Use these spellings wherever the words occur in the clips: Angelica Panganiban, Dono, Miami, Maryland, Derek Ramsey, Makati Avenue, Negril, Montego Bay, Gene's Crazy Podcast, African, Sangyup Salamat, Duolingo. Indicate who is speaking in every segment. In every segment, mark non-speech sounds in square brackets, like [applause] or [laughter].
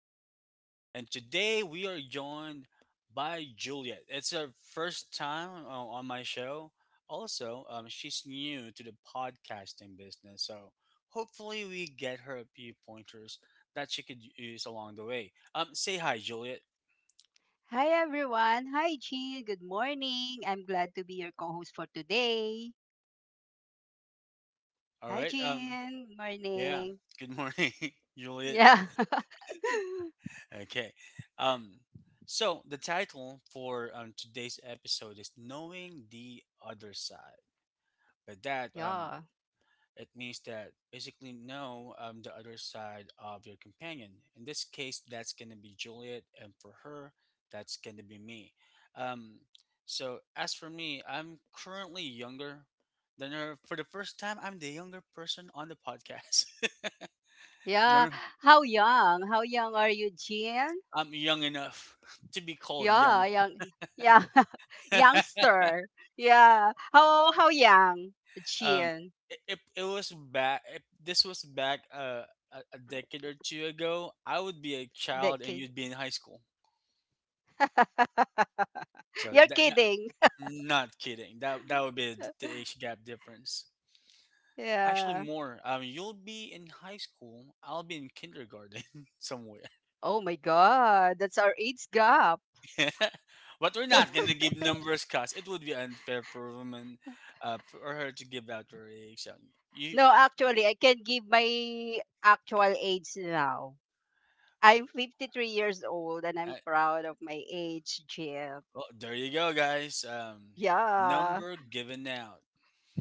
Speaker 1: Podcast. And today we are joined by Juliet. It's her first time on my show. Also, she's new to the podcasting business. So hopefully, we get her a few pointers that she could use along the way. Say hi, Juliet.
Speaker 2: Hi everyone. Hi Jean. Good morning. I'm glad to be your co-host for today.
Speaker 1: All
Speaker 2: Hi
Speaker 1: right.
Speaker 2: Jean.
Speaker 1: Yeah.
Speaker 2: Morning.
Speaker 1: Good morning, [laughs] Juliet.
Speaker 2: Yeah. [laughs]
Speaker 1: Okay. Um, so the title for today's episode is "Knowing the Other Side." But that
Speaker 2: Yeah.
Speaker 1: It means that basically know the other side of your companion. In this case, that's gonna be Juliet, and for her, that's gonna be me. Um, so as for me, I'm currently younger than her. For the first time, I'm the younger person on the podcast. [laughs]
Speaker 2: Yeah.
Speaker 1: No,
Speaker 2: How young? How young are you, Jean?
Speaker 1: I'm young enough [laughs] to be called
Speaker 2: Yeah,
Speaker 1: young.
Speaker 2: young. Yeah. [laughs] Youngster. Yeah. How young,
Speaker 1: [laughs] um,
Speaker 2: Jean?
Speaker 1: it was back. If this was back a decade or two ago, I would be a child
Speaker 2: That
Speaker 1: and
Speaker 2: kid.
Speaker 1: you'd be in high school.
Speaker 2: [laughs]
Speaker 1: So
Speaker 2: You're
Speaker 1: that, that-
Speaker 2: kidding.
Speaker 1: Not kidding. That would be the age gap difference. Actually,
Speaker 2: Yeah.
Speaker 1: more. You'll be in high school. I'll be in kindergarten [laughs] somewhere.
Speaker 2: Oh my god. That's our age gap.
Speaker 1: [laughs] But we're not gonna
Speaker 2: [laughs]
Speaker 1: give numbers, cause it would be unfair for a woman, for her to give out her age. So, you,
Speaker 2: No, actually, I can give my actual age now. I'm 53 years old and
Speaker 1: uh,
Speaker 2: I'm proud of my age, Jill.
Speaker 1: well, there you go, guys.
Speaker 2: Yeah,
Speaker 1: Number given out.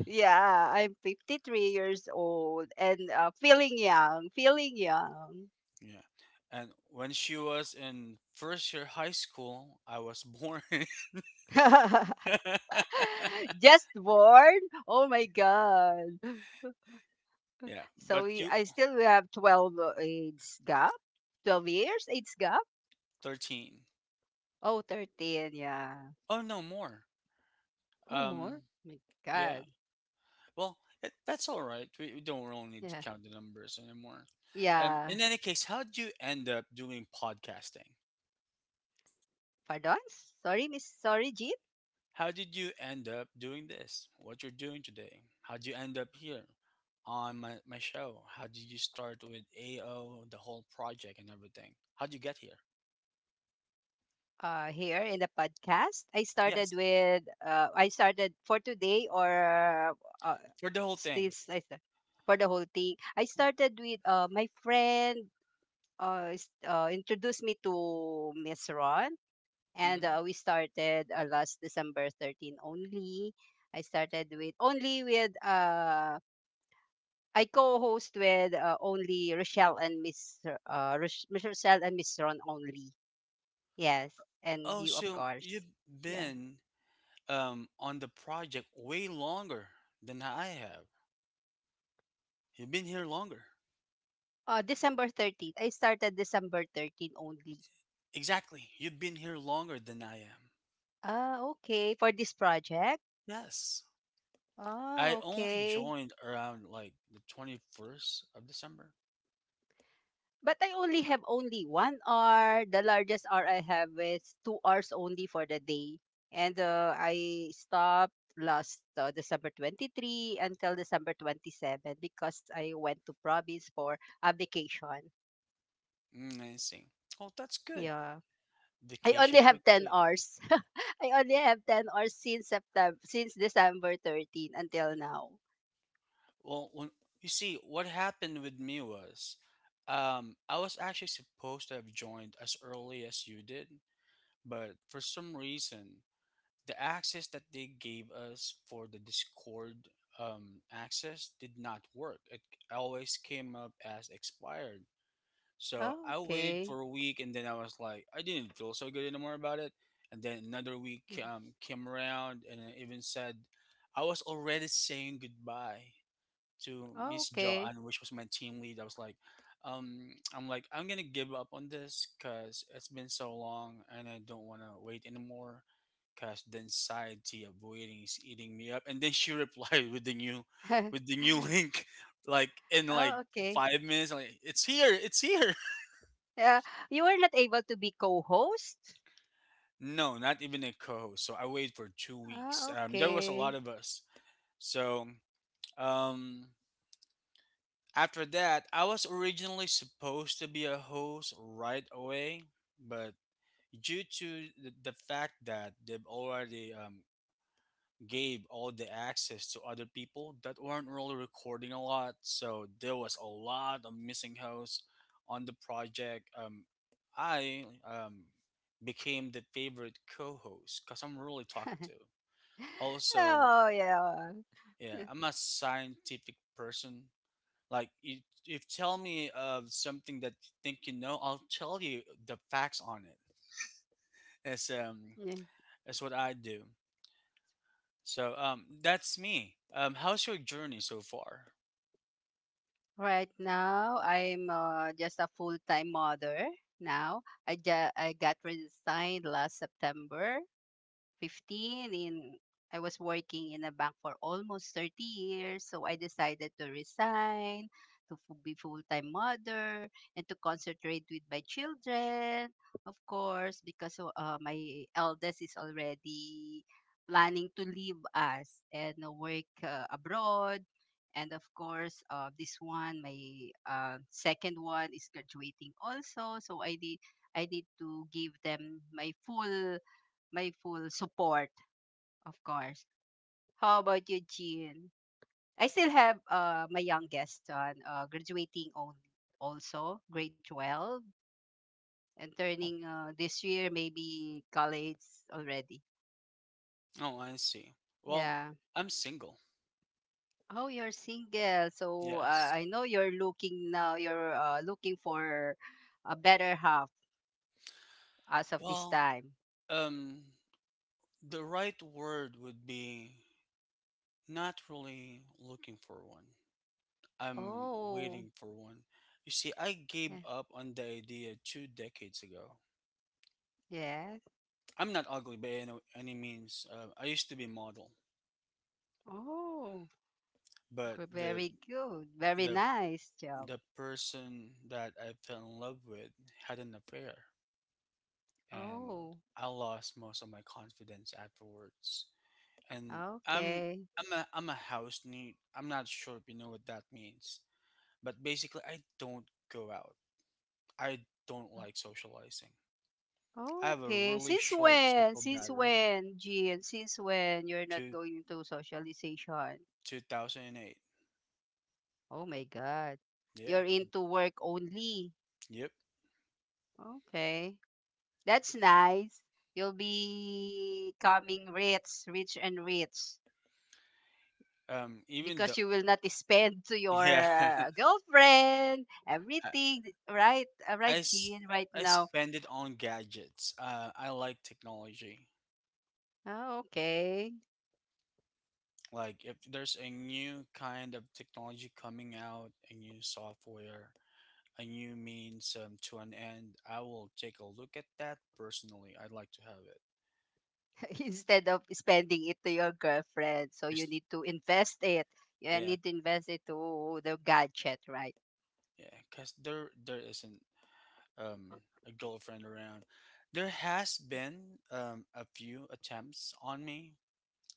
Speaker 2: yeah, I'm 53 years old and feeling young, feeling young.
Speaker 1: Yeah. And when she was in first year high school, I was born.
Speaker 2: [laughs]
Speaker 1: [laughs]
Speaker 2: Just born? Oh my God.
Speaker 1: Yeah,
Speaker 2: So
Speaker 1: but
Speaker 2: we,
Speaker 1: you
Speaker 2: I still we have 12 age gap, 12 years age gap.
Speaker 1: 13.
Speaker 2: Oh, 13. Yeah.
Speaker 1: Oh, no, more.
Speaker 2: Oh,
Speaker 1: Um,
Speaker 2: more? My
Speaker 1: yeah.
Speaker 2: God.
Speaker 1: Well, that's all right. We don't really need to
Speaker 2: Yeah.
Speaker 1: count the numbers anymore.
Speaker 2: Yeah.
Speaker 1: In any case, how did you end up doing podcasting?
Speaker 2: Pardon? Sorry, Jean.
Speaker 1: How did you end up doing this? What you're doing today? How did you end up here on my show? How did you start with AO, the whole project and everything? How did you get here?
Speaker 2: Here in the podcast, I started
Speaker 1: Yes,
Speaker 2: with, uh, I started for today, or uh,
Speaker 1: for the whole
Speaker 2: still,
Speaker 1: thing.
Speaker 2: s- I sta- for the whole thing. I started with my friend introduced me to Miss Ron, and
Speaker 1: Hmm.
Speaker 2: we started last December 13 only. I started with only with uh, I co-host with only Rochelle and Miss Rochelle and Miss Ron only. Yes, and
Speaker 1: Oh,
Speaker 2: you, of
Speaker 1: so
Speaker 2: course.
Speaker 1: you've
Speaker 2: Yeah.
Speaker 1: been on the project way longer than I have. You've been here longer.
Speaker 2: December 13th. I started December 13th only.
Speaker 1: Exactly. You've been here longer than I am.
Speaker 2: Ah, okay. For this project?
Speaker 1: Yes.
Speaker 2: Ah,
Speaker 1: I only
Speaker 2: okay.
Speaker 1: joined around like the 21st of December.
Speaker 2: But I only have only 1 hour. The largest hour I have is 2 hours only for the day. And I stopped last December 23 until December 27 because I went to province for a vacation.
Speaker 1: I see. Well, that's good.
Speaker 2: Yeah. I only
Speaker 1: Vacations were
Speaker 2: have 10
Speaker 1: great.
Speaker 2: hours. [laughs] I only have 10 hours since September, since December 13 until now.
Speaker 1: Well, you see, what happened with me was I was actually supposed to have joined as early as you did, but for some reason, the access that they gave us for the Discord access did not work. It always came up as expired. So
Speaker 2: Oh,
Speaker 1: I waited
Speaker 2: okay.
Speaker 1: for a week and then I was like, I didn't feel so good anymore about it. And then another week came around and it even said, I was already saying goodbye to
Speaker 2: Oh,
Speaker 1: Miss
Speaker 2: okay.
Speaker 1: Joanne, which was my team lead. Um, I'm like, I'm gonna give up on this because it's been so long and I don't want to wait anymore because the anxiety of waiting is eating me up. And then she [laughs] replied with the new,
Speaker 2: [laughs]
Speaker 1: link, [laughs] like in like
Speaker 2: Oh, okay.
Speaker 1: 5 minutes, like it's here, it's here. [laughs]
Speaker 2: Yeah, you were not able to be co-host?
Speaker 1: No, not even a co-host. So I waited for 2 weeks.
Speaker 2: Ah,
Speaker 1: There was a lot
Speaker 2: okay.
Speaker 1: of us. So um, after that, I was originally supposed to be a host right away, but due to the fact that they've already gave all the access to other people that weren't really recording a lot, so there was a lot of missing hosts on the project. I um, became the favorite co-host because I'm really
Speaker 2: [laughs]
Speaker 1: talkative. Also,
Speaker 2: Oh, yeah.
Speaker 1: yeah,
Speaker 2: [laughs]
Speaker 1: I'm a scientific person, like you. You tell me of something that you think you know, I'll tell you the facts on it. It's um,
Speaker 2: Yeah.
Speaker 1: it's what I do. So that's me. How's your journey so far?
Speaker 2: Right now, I'm just a full-time mother now. I got resigned last September 15, in I was working in a bank for almost 30 years, so I decided to resign, to be full-time mother, and to concentrate with my children. Of course, because my eldest is already planning to leave us and work abroad. And of course, this one, my second one, is graduating also. So I need to give them my full support, of course. How about you, Jean? I still have my youngest son graduating also, grade 12, and
Speaker 1: Oh,
Speaker 2: turning this year maybe college already.
Speaker 1: oh, I see. Well,
Speaker 2: Yeah.
Speaker 1: I'm single.
Speaker 2: Oh, you're single. So
Speaker 1: Yes.
Speaker 2: I know you're looking now, you're looking for a better half as of this
Speaker 1: Well,
Speaker 2: time.
Speaker 1: um, the right word would be not really looking for one. I'm
Speaker 2: Oh,
Speaker 1: waiting for one. You see, I gave
Speaker 2: yeah.
Speaker 1: up on the idea 2 decades ago.
Speaker 2: Yes.
Speaker 1: I'm not ugly by any means. I used to be model,
Speaker 2: Oh,
Speaker 1: but
Speaker 2: good. Very good. Very
Speaker 1: the
Speaker 2: nice job.
Speaker 1: the person that I fell in love with had an affair, and
Speaker 2: Oh.
Speaker 1: I lost most of my confidence afterwards. And
Speaker 2: Ah,
Speaker 1: I'm
Speaker 2: okay.
Speaker 1: I'm a house neat. I'm not sure if you know what that means, but basically, I don't go out. I don't like socializing. I
Speaker 2: Oh,
Speaker 1: have a
Speaker 2: okay.
Speaker 1: really
Speaker 2: Since
Speaker 1: short
Speaker 2: when?
Speaker 1: social
Speaker 2: Since
Speaker 1: battery.
Speaker 2: when, Jean? Since when you're not
Speaker 1: Two
Speaker 2: going to socialization?
Speaker 1: 2008.
Speaker 2: Oh my God.
Speaker 1: Yeah.
Speaker 2: You're into work only.
Speaker 1: Yep.
Speaker 2: Okay. That's nice. You'll be coming rich, rich and rich,
Speaker 1: Even the
Speaker 2: because you will not spend to
Speaker 1: Yeah, [laughs]
Speaker 2: your girlfriend,
Speaker 1: I
Speaker 2: everything, right?
Speaker 1: I,
Speaker 2: Right,
Speaker 1: s-
Speaker 2: Jean, right
Speaker 1: I
Speaker 2: now.
Speaker 1: spend it on gadgets. I like technology.
Speaker 2: Oh, okay.
Speaker 1: Like if there's a new kind of technology coming out, a new software, a new means to an end, I will take a look at that personally. I'd like to have it.
Speaker 2: [laughs] Instead of spending it to your girlfriend, so you
Speaker 1: Just
Speaker 2: need to invest it. You
Speaker 1: Yeah,
Speaker 2: need to invest it to, the gadget, right?
Speaker 1: yeah, because there isn't um a girlfriend around. There has been a few attempts on me.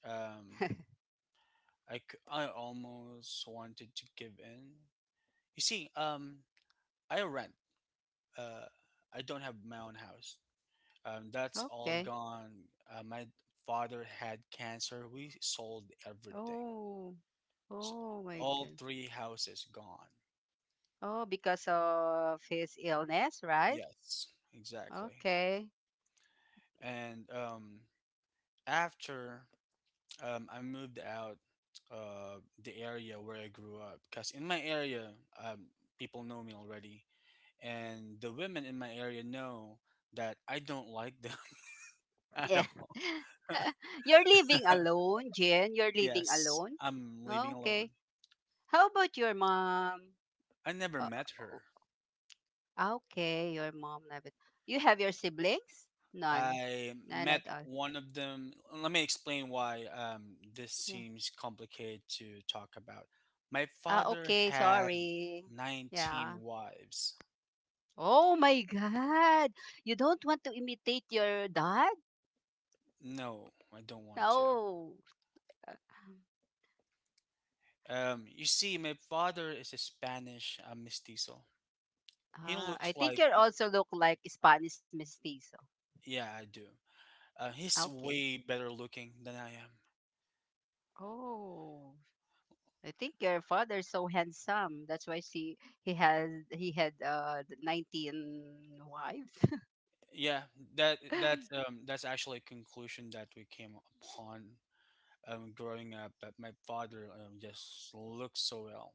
Speaker 1: Um,
Speaker 2: [laughs]
Speaker 1: I almost wanted to give in. You see, I rent. Uh, I don't have my own house. That's all
Speaker 2: Okay.
Speaker 1: gone. My father had cancer. We sold everything.
Speaker 2: Oh.
Speaker 1: S
Speaker 2: Oh my
Speaker 1: All
Speaker 2: god.
Speaker 1: three houses gone.
Speaker 2: Oh, because of his illness, right?
Speaker 1: Yes, exactly.
Speaker 2: Okay.
Speaker 1: And after I moved out the area where I grew up, because in my area, um, people know me already, and the women in my area know that I don't like them [laughs] at
Speaker 2: Yeah.
Speaker 1: all. [laughs]
Speaker 2: [laughs] You're living alone, Jen. You're living
Speaker 1: Yes,
Speaker 2: alone.
Speaker 1: I'm living alone.
Speaker 2: Okay. How about your mom?
Speaker 1: I never
Speaker 2: Uh,
Speaker 1: met
Speaker 2: o-
Speaker 1: her.
Speaker 2: okay, your mom. You have your siblings? None.
Speaker 1: I
Speaker 2: None
Speaker 1: met
Speaker 2: at all.
Speaker 1: one of them. Let me explain why this seems complicated to talk about. My
Speaker 2: Ah,
Speaker 1: father
Speaker 2: okay,
Speaker 1: had
Speaker 2: sorry.
Speaker 1: 19
Speaker 2: Yeah.
Speaker 1: wives.
Speaker 2: Oh my God. You don't want to imitate your dad?
Speaker 1: No, I don't want to.
Speaker 2: No.
Speaker 1: You see, my father is a Spanish mestizo. He
Speaker 2: Ah,
Speaker 1: looks
Speaker 2: I think
Speaker 1: like,
Speaker 2: you also look like Spanish mestizo.
Speaker 1: yeah, I do. Uh,
Speaker 2: Ah,
Speaker 1: he's
Speaker 2: okay.
Speaker 1: way better looking than I am.
Speaker 2: Oh, I think your father's so handsome. That's why she he has he had the 19 wives.
Speaker 1: Yeah,
Speaker 2: [laughs]
Speaker 1: that's actually a conclusion that we came upon growing up, that my father just looks so well.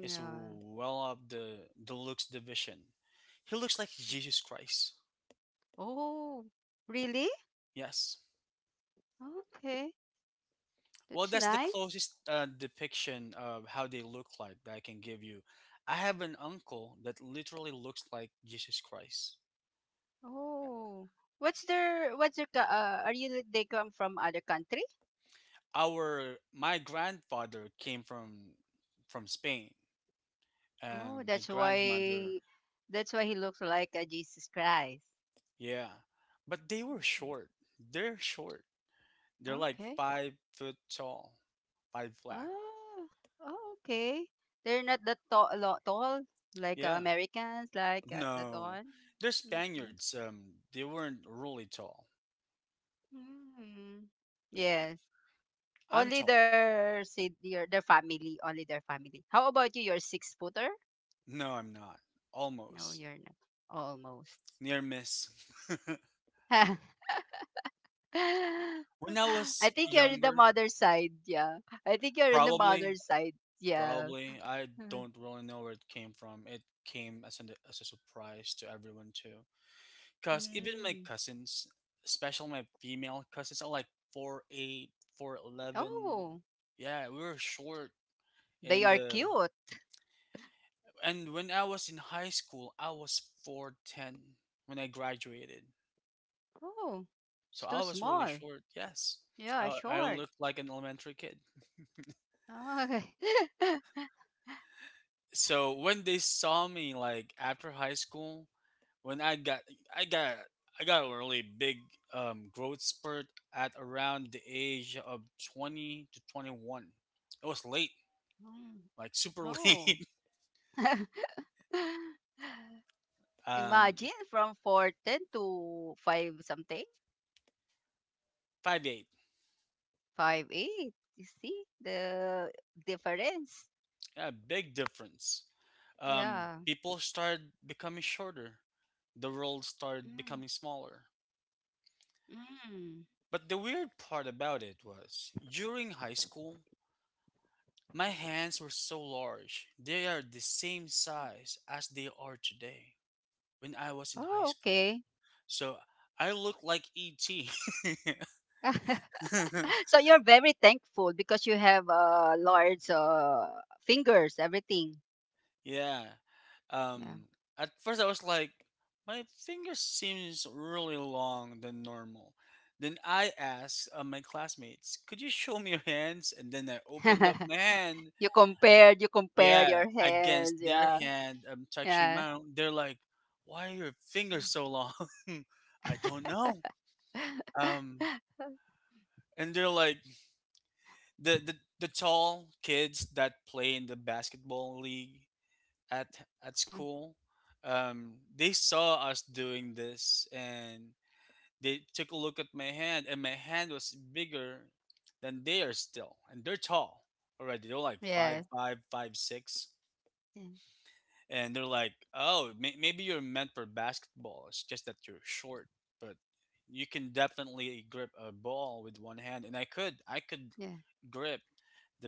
Speaker 1: He's well up the looks division. He looks like Jesus Christ.
Speaker 2: Oh, really?
Speaker 1: Yes.
Speaker 2: Okay.
Speaker 1: Well,
Speaker 2: That's
Speaker 1: that's the
Speaker 2: nice.
Speaker 1: closest depiction of how they look like that I can give you. I have an uncle that literally looks like Jesus Christ.
Speaker 2: Oh, are you they come from other country?
Speaker 1: Our my grandfather came from Spain,
Speaker 2: Oh,
Speaker 1: and my
Speaker 2: that's
Speaker 1: grandmother.
Speaker 2: why that's why he looks like a Jesus Christ.
Speaker 1: Yeah, but they were
Speaker 2: Mhm.
Speaker 1: short. They're short. They're like
Speaker 2: Okay.
Speaker 1: 5 foot tall. Five flat.
Speaker 2: Ah, oh, okay. They're not that tall, tall like
Speaker 1: Yeah,
Speaker 2: Americans, like that
Speaker 1: no,
Speaker 2: one.
Speaker 1: they're
Speaker 2: Mhm.
Speaker 1: Spaniards, they weren't really tall.
Speaker 2: Mm. Yes.
Speaker 1: I'm
Speaker 2: Only
Speaker 1: tall.
Speaker 2: their si- your their family, only their family. How about you? You're six footer?
Speaker 1: No, I'm not.
Speaker 2: No,
Speaker 1: Almost.
Speaker 2: you're not. Almost.
Speaker 1: Near miss. [laughs]
Speaker 2: [laughs] [laughs]
Speaker 1: When I
Speaker 2: I
Speaker 1: was
Speaker 2: think you're in the
Speaker 1: younger.
Speaker 2: mother side. Yeah. I think you're in the mother
Speaker 1: probably
Speaker 2: side. Yeah.
Speaker 1: Probably. I
Speaker 2: Mm.
Speaker 1: don't really know where it came from. It came as a surprise to everyone too. Cause even my
Speaker 2: Mm.
Speaker 1: cousins, especially my female cousins, are like 4'8", 4'11".
Speaker 2: Oh,
Speaker 1: Yeah, we were short.
Speaker 2: they
Speaker 1: And
Speaker 2: are
Speaker 1: uh,
Speaker 2: cute.
Speaker 1: and when I was in high school, I was 4'10" when I graduated.
Speaker 2: Oh,
Speaker 1: So
Speaker 2: it's
Speaker 1: I
Speaker 2: too
Speaker 1: was really
Speaker 2: small.
Speaker 1: short. Yes,
Speaker 2: Yeah,
Speaker 1: I
Speaker 2: short.
Speaker 1: looked like an elementary kid. [laughs]
Speaker 2: Oh. Okay. [laughs]
Speaker 1: So when they saw me, like, after high school, when i got I got a really big, growth spurt at around the age of 20 to 21. It was late,
Speaker 2: Mm.
Speaker 1: like, super [laughs]
Speaker 2: Oh.
Speaker 1: late.
Speaker 2: [laughs]
Speaker 1: um
Speaker 2: Imagine from 4'10 to 5 something,
Speaker 1: 5'8".
Speaker 2: 5'8". You see the difference?
Speaker 1: Yeah, big difference. um
Speaker 2: Yeah.
Speaker 1: People started becoming shorter. The world started
Speaker 2: Mm.
Speaker 1: becoming smaller.
Speaker 2: Mm.
Speaker 1: But the weird part about it was during high school, my hands were so large. They are the same size as they are today, when I was in
Speaker 2: Oh,
Speaker 1: high school.
Speaker 2: okay.
Speaker 1: So I look like ET.
Speaker 2: [laughs] So you're very thankful because you have large fingers, everything.
Speaker 1: [laughs] Yeah. Um
Speaker 2: Yeah.
Speaker 1: at first I was like, my finger seems really long than normal. Then I asked my classmates, "Could you show me your hands?" And then I opened up my
Speaker 2: [laughs]
Speaker 1: hand.
Speaker 2: You compared
Speaker 1: Yeah,
Speaker 2: your
Speaker 1: against
Speaker 2: hands.
Speaker 1: their
Speaker 2: Yeah,
Speaker 1: hand, I'm touching
Speaker 2: yeah,
Speaker 1: my own. They're like, "Why are your fingers so long?" [laughs] I don't know. Um,
Speaker 2: yeah,
Speaker 1: and they're like the tall kids that play in the basketball league at at school. They saw us doing this, and they took a look at my hand, and my hand was bigger than theirs still, and they're tall already. They're like
Speaker 2: yeah,
Speaker 1: five
Speaker 2: yeah,
Speaker 1: five, 5'6", and they're like, "Oh, maybe you're meant for basketball. It's just that you're short, but you can definitely grip a ball with one hand." And I could
Speaker 2: yeah.
Speaker 1: grip the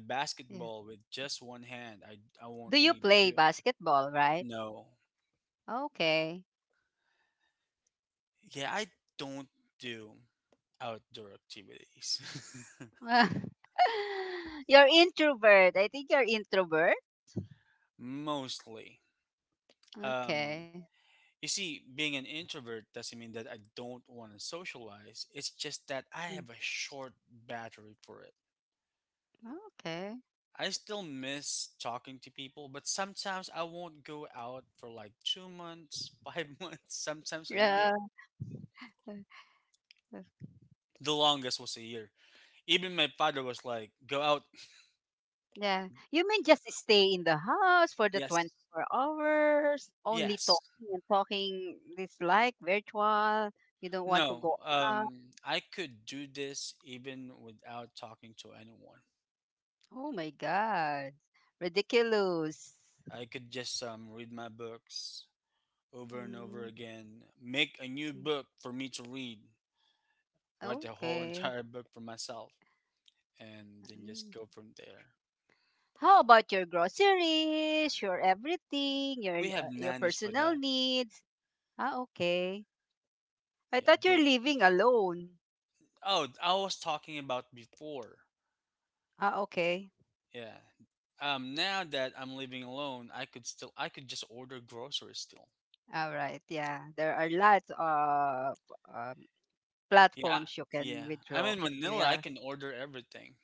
Speaker 2: Yeah.
Speaker 1: basketball with just one hand. I
Speaker 2: Do
Speaker 1: won't
Speaker 2: you
Speaker 1: need
Speaker 2: play
Speaker 1: two.
Speaker 2: basketball? Right?
Speaker 1: No,
Speaker 2: Okay.
Speaker 1: yeah, I don't do outdoor activities
Speaker 2: [laughs] You're introvert. I think you're introvert.
Speaker 1: [laughs] mostly. Um,
Speaker 2: Okay.
Speaker 1: you see, being an introvert doesn't mean that I don't want to socialize. It's just that I
Speaker 2: Yeah.
Speaker 1: have a short battery for it.
Speaker 2: Okay.
Speaker 1: I still miss talking to people, but sometimes I won't go out for like 2 months, [laughs] 5 months, sometimes a
Speaker 2: Yeah.
Speaker 1: year. The longest was a year. Even my father was like, go out.
Speaker 2: Yeah. You mean just stay in the house for the
Speaker 1: Yes.
Speaker 2: 24 hours, only
Speaker 1: Yes.
Speaker 2: talking and talking this like virtual. You don't want to
Speaker 1: No.
Speaker 2: go out.
Speaker 1: I could do this even without talking to anyone.
Speaker 2: Oh my God. Ridiculous.
Speaker 1: I could just read my books over and over
Speaker 2: Mm,
Speaker 1: again, make a new
Speaker 2: mm.
Speaker 1: book for me to read, write the whole [laughs]
Speaker 2: Okay.
Speaker 1: entire book for myself, and then just
Speaker 2: Mm.
Speaker 1: go from there.
Speaker 2: How about your groceries, your everything, your
Speaker 1: We
Speaker 2: uh,
Speaker 1: have
Speaker 2: your
Speaker 1: nannies for
Speaker 2: personal
Speaker 1: that.
Speaker 2: needs? Ah, okay. I
Speaker 1: Yeah,
Speaker 2: thought you're
Speaker 1: don't.
Speaker 2: living alone.
Speaker 1: Oh, I was talking about before.
Speaker 2: Ah, okay.
Speaker 1: Yeah. Now that I'm living alone, I could just order groceries still.
Speaker 2: All right. Yeah. There are lots of uh,
Speaker 1: Yeah,
Speaker 2: platforms you can
Speaker 1: yeah. I'm
Speaker 2: withdraw.
Speaker 1: in Manila. I
Speaker 2: Yeah.
Speaker 1: can order everything,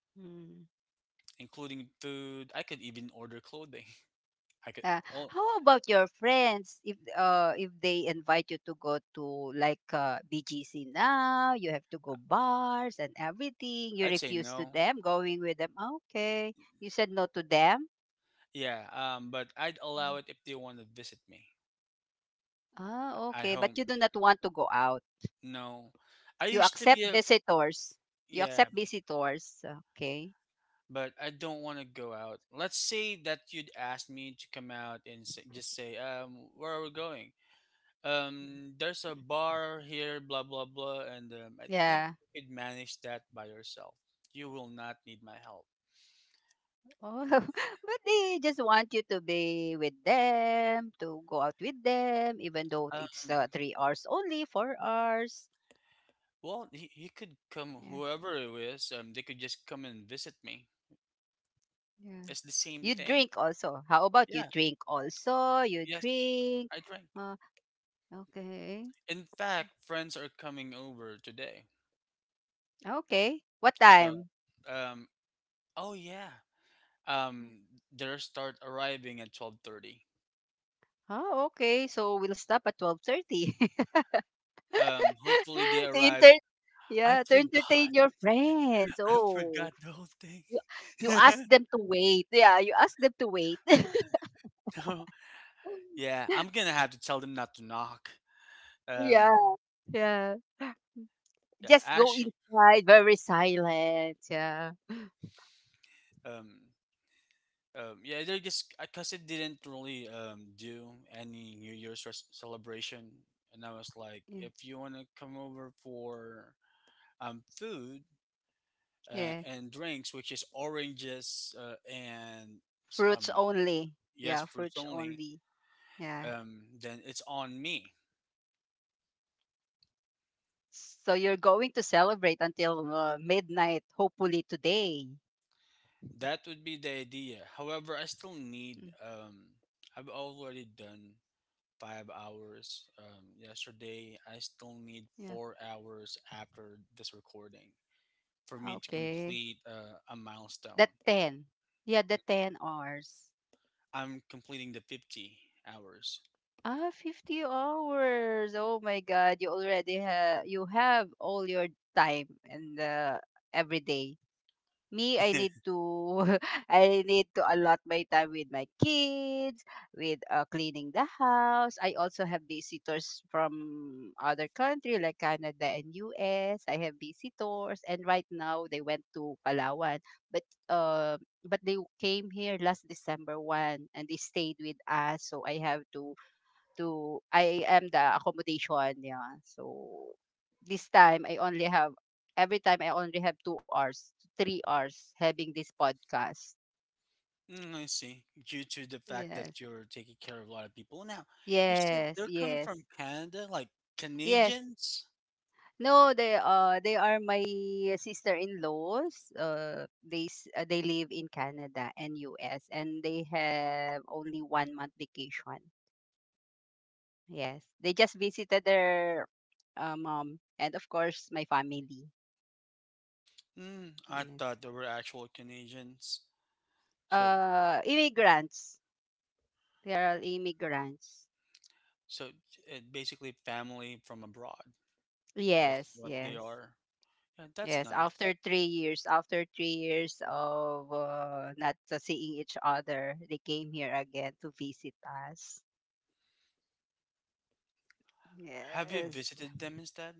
Speaker 2: Mm.
Speaker 1: including food. I could even order clothing. [laughs] I could
Speaker 2: Uh,
Speaker 1: all.
Speaker 2: how about your friends? If if they invite you to go to, like, BGC, now you have to go bars and everything, you
Speaker 1: I'd say
Speaker 2: refuse to
Speaker 1: no.
Speaker 2: them, going with them, "Ah, okay," you said no to them?
Speaker 1: Yeah. But I'd
Speaker 2: Mm.
Speaker 1: allow it if they want to visit me
Speaker 2: Ah,
Speaker 1: at
Speaker 2: okay, but
Speaker 1: home.
Speaker 2: you do not want to go out.
Speaker 1: No, I
Speaker 2: You
Speaker 1: used to be
Speaker 2: accept
Speaker 1: a
Speaker 2: visitors? You
Speaker 1: yeah,
Speaker 2: accept visitors? Okay.
Speaker 1: but I don't want to go out. Let's say that you'd ask me to come out and just say, where are we going? There's a bar here, blah blah blah, and I think
Speaker 2: Yeah.
Speaker 1: you could manage that by yourself. You will not need my help.
Speaker 2: Oh, [laughs] but they just want you to be with them, to go out with them, even though it's
Speaker 1: Um,
Speaker 2: 3 hours only, 4 hours.
Speaker 1: well, he could come,
Speaker 2: Yeah,
Speaker 1: whoever it is. They could just come and visit me.
Speaker 2: yeah.
Speaker 1: It's the same
Speaker 2: You
Speaker 1: thing.
Speaker 2: drink also. How about
Speaker 1: Yeah.
Speaker 2: you drink also? You
Speaker 1: Yes,
Speaker 2: drink.
Speaker 1: I drank.
Speaker 2: Uh, okay,
Speaker 1: In fact, friends are coming over today,
Speaker 2: okay. What
Speaker 1: so
Speaker 2: time?
Speaker 1: um, oh yeah. Um, their start arriving at 12:30.
Speaker 2: Oh, okay. So we'll stop at 12:30. [laughs]
Speaker 1: Hopefully they
Speaker 2: to
Speaker 1: arrive.
Speaker 2: enter,
Speaker 1: I
Speaker 2: yeah, to entertain
Speaker 1: forgot.
Speaker 2: your friends.
Speaker 1: [laughs] I
Speaker 2: Oh,
Speaker 1: forgot the whole
Speaker 2: you
Speaker 1: thing.
Speaker 2: you ask them
Speaker 1: [laughs]
Speaker 2: to wait. Yeah, you ask them to wait. [laughs]
Speaker 1: No. Yeah, I'm gonna have to tell them not to knock. Um,
Speaker 2: Yeah. Yeah.
Speaker 1: yeah,
Speaker 2: Just go
Speaker 1: actually,
Speaker 2: inside, very silent. Yeah.
Speaker 1: um, yeah, they're just because it didn't really do any New celebration, and I was like,
Speaker 2: Yeah.
Speaker 1: if you wanna come over for food
Speaker 2: Yeah.
Speaker 1: and drinks, which is oranges and s-
Speaker 2: Fruits
Speaker 1: um
Speaker 2: only.
Speaker 1: yes,
Speaker 2: Yeah,
Speaker 1: fruits
Speaker 2: fruits
Speaker 1: only,
Speaker 2: only. Yeah.
Speaker 1: then it's on me.
Speaker 2: So you're going to celebrate until midnight, hopefully today.
Speaker 1: That would be the idea. However, I still need.
Speaker 2: Mm.
Speaker 1: I've already done 5 hours yesterday. I still need
Speaker 2: Yeah.
Speaker 1: 4 hours after this recording for me to
Speaker 2: Okay.
Speaker 1: complete a milestone.
Speaker 2: The 10. Yeah, the 10 hours.
Speaker 1: I'm completing the 50 hours.
Speaker 2: Ah, 50 hours. Oh my God. You have all your time and every day. Me, I need
Speaker 1: [laughs]
Speaker 2: to [laughs] I need to allot my time with my kids, with cleaning the house. I also have visitors from other country, like Canada and US. I have visitors, and right now they went to Palawan. But uh but they came here last december 1 and they stayed with us, so I have to I am the accommodation, yeah. So this time I only have every time I only have 2 hours, 3 hours having this podcast.
Speaker 1: Mm, I see. Due to the fact
Speaker 2: Yes.
Speaker 1: that you're taking care of a lot of people. Now, you said
Speaker 2: Yes,
Speaker 1: they're coming
Speaker 2: yes.
Speaker 1: from Canada, like
Speaker 2: Yes.
Speaker 1: Canadians?
Speaker 2: No, they are my sister-in-laws. They live in Canada and US, and they have only 1 month vacation. Yes. They just visited their mom and of course my family.
Speaker 1: Mm, I
Speaker 2: Yes.
Speaker 1: thought they were actual Canadians. So,
Speaker 2: Immigrants, they are immigrants,
Speaker 1: so it basically family from abroad is
Speaker 2: yes,
Speaker 1: what they
Speaker 2: yes,
Speaker 1: are. Yeah, that's
Speaker 2: yes.
Speaker 1: nice.
Speaker 2: After three years of not seeing each other, they came here again to visit us.
Speaker 1: Have you
Speaker 2: Yes.
Speaker 1: visited them instead?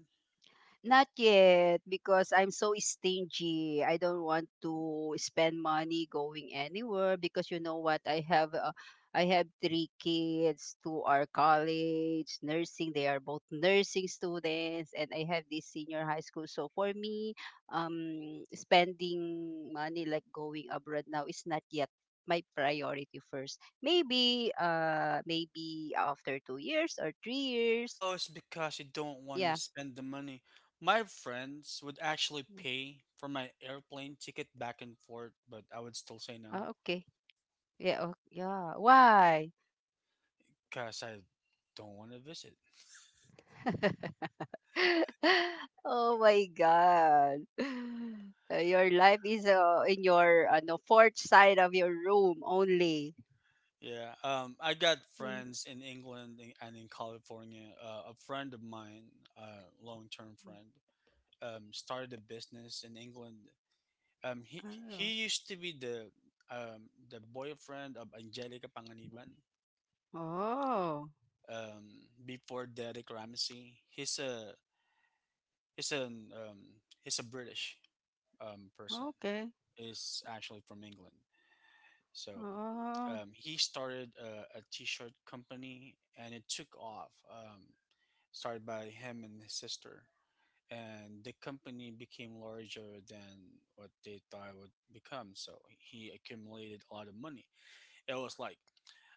Speaker 2: Not yet because I'm so stingy. I don't want to spend money going anywhere because you know what? I have three kids. Two are college, nursing. They are both nursing students, and I have this senior high school. So for me, spending money like going abroad now is not yet my priority first. Maybe after 2 years or 3 years.
Speaker 1: Oh, it's because you don't want to
Speaker 2: Yeah.
Speaker 1: spend the money. My friends would actually
Speaker 2: Mm.
Speaker 1: pay for my airplane ticket back and forth, but I would still say
Speaker 2: Ah,
Speaker 1: no
Speaker 2: okay. Yeah, oh, yeah. Why?
Speaker 1: because I don't want to visit.
Speaker 2: [laughs] Oh my God. [sighs] Your life is in your no, fourth side of your room only.
Speaker 1: Yeah, I got
Speaker 2: Yeah.
Speaker 1: friends in England and in California. A friend of mine, a long-term friend, started a business in England. He
Speaker 2: Oh.
Speaker 1: he used to be the boyfriend of Angelica Panganiban.
Speaker 2: Oh.
Speaker 1: Before Derek Ramsey, he's an um, he's a British person.
Speaker 2: Okay.
Speaker 1: Is actually from England. So
Speaker 2: Oh.
Speaker 1: he started a t-shirt company and it took off. Started by him and his sister, and the company became larger than what they thought it would become. So he accumulated a lot of money. It was like,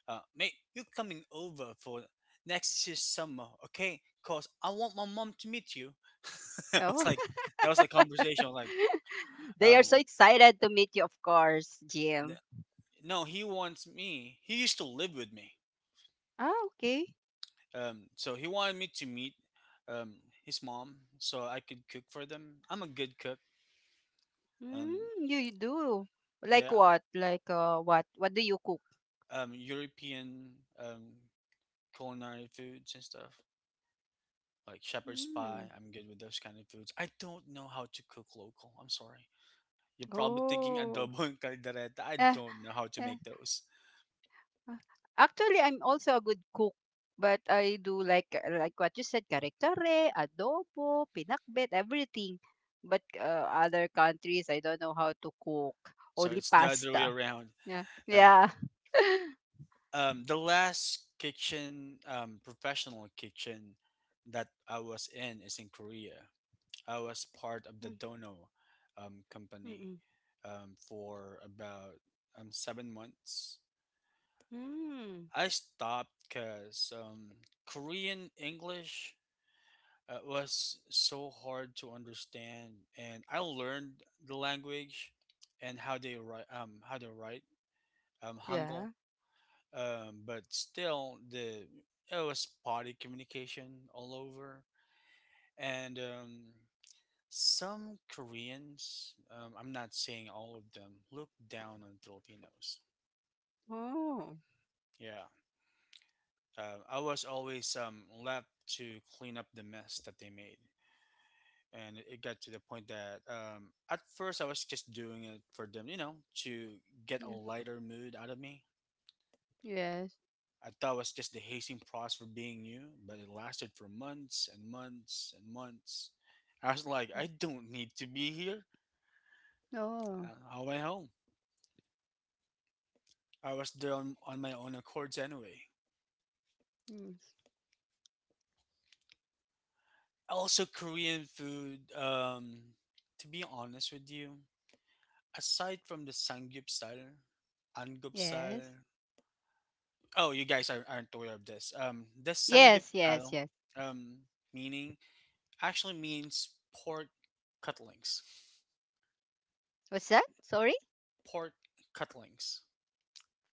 Speaker 1: mate, you're coming over for next year's summer, okay? Cause I want my mom to meet you. [laughs] It was
Speaker 2: Oh.
Speaker 1: like that was the conversation. Like,
Speaker 2: [laughs] They are so
Speaker 1: um,
Speaker 2: excited to meet you, of course,
Speaker 1: th-
Speaker 2: Jim.
Speaker 1: no, he wants me. He used to live with me.
Speaker 2: Ah, okay.
Speaker 1: So he wanted me to meet um his mom so I could cook for them. I'm a good cook,
Speaker 2: Mm,
Speaker 1: and
Speaker 2: you do. Like
Speaker 1: yeah,
Speaker 2: what? Like what? What do you cook?
Speaker 1: European um culinary foods and stuff like shepherd's pie.
Speaker 2: Mm.
Speaker 1: I'm good with those kind of foods. I don't know how to cook local. I'm sorry. You're probably thinking
Speaker 2: Oh.
Speaker 1: adobo and caldereta. [laughs] I
Speaker 2: Ah.
Speaker 1: don't know how to make those.
Speaker 2: Ah, actually, I'm also a good cook, but I do like what you said, kare-kare, adobo, pinakbet, everything. But other countries, I don't know how to cook.
Speaker 1: So
Speaker 2: Only
Speaker 1: it's the other way
Speaker 2: pasta.
Speaker 1: around.
Speaker 2: Yeah.
Speaker 1: Uh,
Speaker 2: Yeah. [laughs]
Speaker 1: the last kitchen, professional kitchen that I was in is in Korea. I was part of the
Speaker 2: Mm.
Speaker 1: Dono company
Speaker 2: Mm-mm.
Speaker 1: for about 7 months.
Speaker 2: Mm. Mm.
Speaker 1: I stopped because Korean English was so hard to understand, and I learned the language and how they write,
Speaker 2: Yeah.
Speaker 1: Hangul. But still, the it was potty communication all over, and some Koreans, I'm not saying all of them, look down on Filipinos.
Speaker 2: Oh.
Speaker 1: Yeah, I was always left to clean up the mess that they made, and it got to the point that at first I was just doing it for them, you know, to get a
Speaker 2: y-
Speaker 1: lighter mood out of me.
Speaker 2: Yes.
Speaker 1: I thought it was just the hazing process for being new, but it lasted for months and months and months. I was like, I
Speaker 2: Mm.
Speaker 1: don't need to be here.
Speaker 2: Oh.
Speaker 1: I went home. I was there on my own accords anyway.
Speaker 2: Mm.
Speaker 1: Also, Korean food, to be honest with you, aside from the Sangyup style, Angup
Speaker 2: Yes.
Speaker 1: style, oh, you guys are, aren't aware of this. The Sangip
Speaker 2: Yes, yes,
Speaker 1: style,
Speaker 2: yes.
Speaker 1: um, meaning actually means pork cutlings.
Speaker 2: What's that? Sorry?
Speaker 1: Pork cutlings.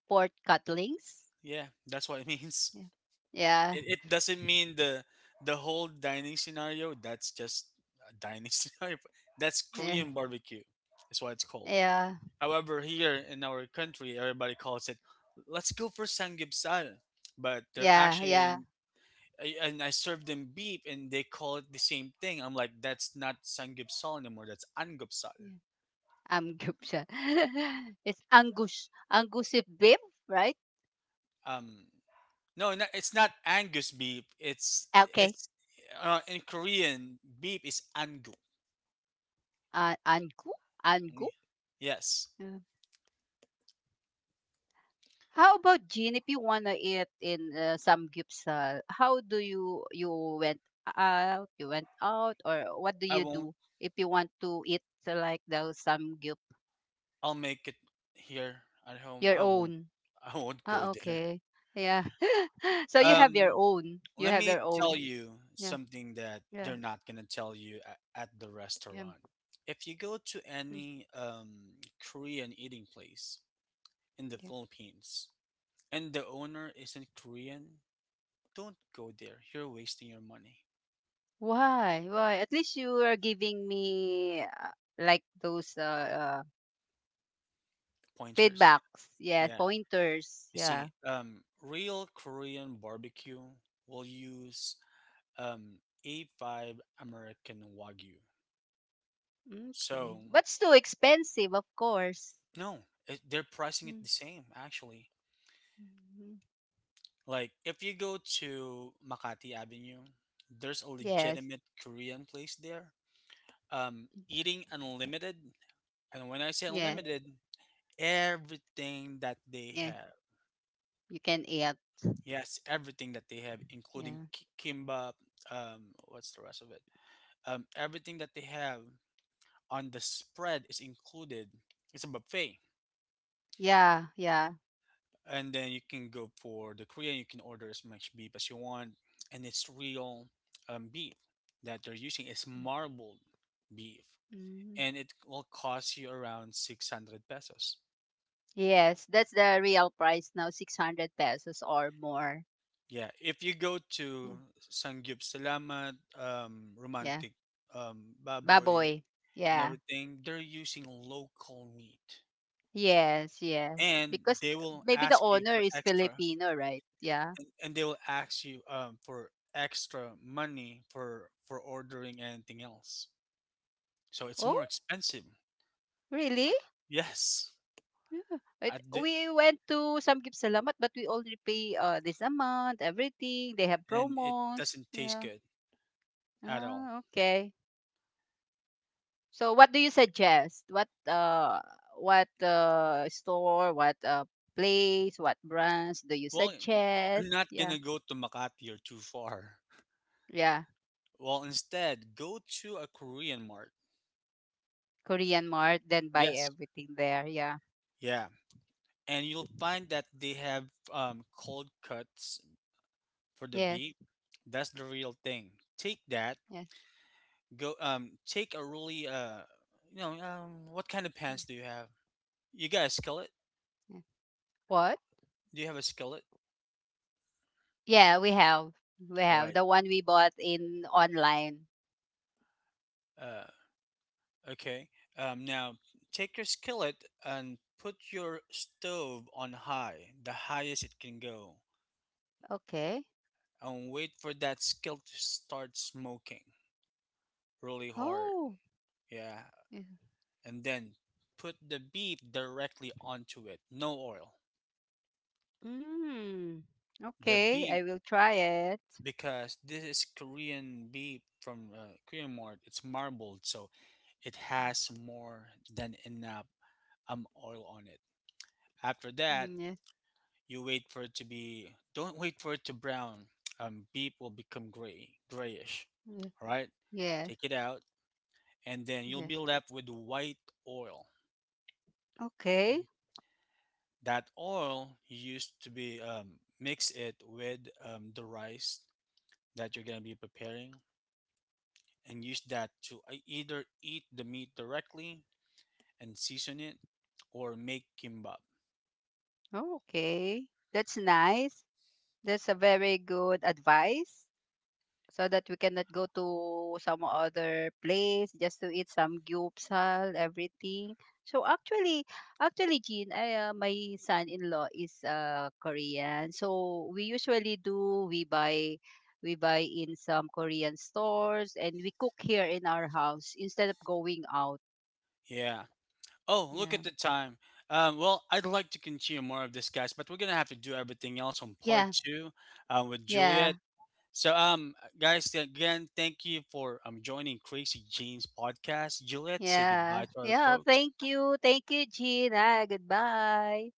Speaker 2: Pork cutlings?
Speaker 1: Yeah, that's what it [laughs] means.
Speaker 2: Yeah. Yeah.
Speaker 1: It doesn't mean the whole dining scenario. That's just a dining [laughs] scenario. That's
Speaker 2: Yeah.
Speaker 1: Korean barbecue. That's what it's called. However, here in our country, everybody calls it. Let's go for Sangip style, but they're
Speaker 2: Yeah. Yeah. Yeah.
Speaker 1: actually and I serve them beef and they call it the same thing. I'm like, that's not sangupsal anymore. That's angupsal.
Speaker 2: Yeah. Amguk siya. [laughs] It's Angus. Angus if beef, right?
Speaker 1: Um, no, it's not Angus beef.
Speaker 2: Okay.
Speaker 1: It's In Korean beef is angu.
Speaker 2: Angu?
Speaker 1: Mm,
Speaker 2: Angu?
Speaker 1: yes,
Speaker 2: Yeah. How about Jean? If you wanna eat in samgyeopsal, how do you went out? You went out, or what do
Speaker 1: I
Speaker 2: you
Speaker 1: won't.
Speaker 2: do if you want to eat like those some samgyup
Speaker 1: I'll make it here at home.
Speaker 2: your
Speaker 1: I won't.
Speaker 2: own?
Speaker 1: I won't go
Speaker 2: Ah,
Speaker 1: there.
Speaker 2: okay. Yeah. [laughs] So you have your
Speaker 1: Um,
Speaker 2: own. You
Speaker 1: Let
Speaker 2: have
Speaker 1: me
Speaker 2: your
Speaker 1: tell
Speaker 2: own.
Speaker 1: you
Speaker 2: Yeah.
Speaker 1: something that
Speaker 2: Yeah.
Speaker 1: they're not gonna tell you at the
Speaker 2: Yeah.
Speaker 1: restaurant. If you go to any Korean eating place in the
Speaker 2: Mm.
Speaker 1: Philippines and the owner isn't Korean, don't go there. You're wasting your money.
Speaker 2: Why? Why? At least you are giving me like those
Speaker 1: Pointers.
Speaker 2: feedbacks. Yes,
Speaker 1: Yeah.
Speaker 2: pointers.
Speaker 1: You
Speaker 2: Yeah.
Speaker 1: see, real Korean barbecue will use um, A5 American Wagyu.
Speaker 2: Okay.
Speaker 1: So,
Speaker 2: But it's too expensive, of course.
Speaker 1: no, it, they're pricing it
Speaker 2: Mm,
Speaker 1: the same, actually.
Speaker 2: mhm.
Speaker 1: Like if you go to Makati Avenue, there's a
Speaker 2: Yes.
Speaker 1: legitimate Korean place there. Eating unlimited, and when I say
Speaker 2: Yeah.
Speaker 1: unlimited, everything that they
Speaker 2: Yeah.
Speaker 1: have.
Speaker 2: You can eat.
Speaker 1: Yes, everything that they have, including
Speaker 2: Yeah.
Speaker 1: kimbap. What's the rest of it? Everything that they have on the spread is included. It's a buffet,
Speaker 2: Yeah. Yeah.
Speaker 1: and then you can go for the Korean. You can order as much beef as you want, and it's real beef that they're using. It's marbled beef,
Speaker 2: Mhm.
Speaker 1: and it will cost you around 600 pesos.
Speaker 2: Yes, that's the real price now, 600 pesos or more.
Speaker 1: Yeah, if you go to
Speaker 2: Yeah.
Speaker 1: Sangyup Salamat,
Speaker 2: Yeah.
Speaker 1: Romantic Baboy,
Speaker 2: Baboy.
Speaker 1: and
Speaker 2: Yeah.
Speaker 1: everything, they're using local meat,
Speaker 2: Yes, yes.
Speaker 1: and
Speaker 2: Because th-
Speaker 1: they will
Speaker 2: Maybe the
Speaker 1: ask you
Speaker 2: owner
Speaker 1: for
Speaker 2: is
Speaker 1: extra,
Speaker 2: Filipino, right? Yeah.
Speaker 1: and they will ask you for extra money for ordering anything else, so it's
Speaker 2: Oh,
Speaker 1: more expensive
Speaker 2: really?
Speaker 1: for yes.
Speaker 2: Yeah.
Speaker 1: I
Speaker 2: It,
Speaker 1: d-
Speaker 2: we went to Samgip Salamat, but we only pay this amount, everything. They have
Speaker 1: and it
Speaker 2: promos.
Speaker 1: doesn't taste
Speaker 2: Yeah.
Speaker 1: good at all.
Speaker 2: Ah, okay. So what do you suggest? What store, what place, what brands do you
Speaker 1: Well, you're
Speaker 2: suggest?
Speaker 1: not
Speaker 2: Yeah.
Speaker 1: gonna go to Makati or too far.
Speaker 2: Yeah.
Speaker 1: Well, instead go to a Korean mart.
Speaker 2: Korean Mart, then buy
Speaker 1: Yes,
Speaker 2: everything there. Yeah.
Speaker 1: yeah, and you'll find that they have cold cuts for the
Speaker 2: Yes.
Speaker 1: beef. That's the real thing. Take that.
Speaker 2: Yes.
Speaker 1: Go take a really what kind of pans do you have? You got a skillet?
Speaker 2: Yes. What?
Speaker 1: Do you have a skillet?
Speaker 2: Yeah, we have. We
Speaker 1: All
Speaker 2: have
Speaker 1: right.
Speaker 2: the one we bought in online.
Speaker 1: uh okay now take your skillet and put your stove on high, the highest it can go,
Speaker 2: Okay.
Speaker 1: and wait for that skillet to start smoking really hard,
Speaker 2: Oh.
Speaker 1: yeah, and then put the beef directly onto it, no oil,
Speaker 2: Mm.
Speaker 1: the
Speaker 2: Okay,
Speaker 1: beef,
Speaker 2: I will try it.
Speaker 1: because this is Korean beef from Korean Mart. It's marbled, so it has more than enough oil on it. After that,
Speaker 2: Mm,
Speaker 1: you wait for it to be. Don't wait for it to brown. Beef will become gray, grayish.
Speaker 2: yes, yes,
Speaker 1: All right,
Speaker 2: yes,
Speaker 1: take it out, and then you'll be
Speaker 2: yes.
Speaker 1: left with white oil.
Speaker 2: Okay,
Speaker 1: That oil you used to be mix it with the rice that you're gonna be preparing and use that to either eat the meat directly and season it or make kimbap.
Speaker 2: okay. That's nice. That's a very good advice. So that we cannot go to some other place just to eat some gyupsal, everything. So actually, Jean, my son-in-law is Korean. So we usually do we buy in some Korean stores and we cook here in our house instead of going out.
Speaker 1: Yeah. Oh, look
Speaker 2: Yeah.
Speaker 1: at the time. Well, I'd like to continue more of this, guys, but we're gonna have to do everything else on part
Speaker 2: Yeah.
Speaker 1: two with
Speaker 2: Yeah.
Speaker 1: Juliet. So, guys, again, thank you for joining Crazy Jeans podcast. Juliet, say
Speaker 2: Yeah.
Speaker 1: goodbye to our
Speaker 2: Yeah.
Speaker 1: folks.
Speaker 2: Thank you. Thank you, Jean. Ah, goodbye.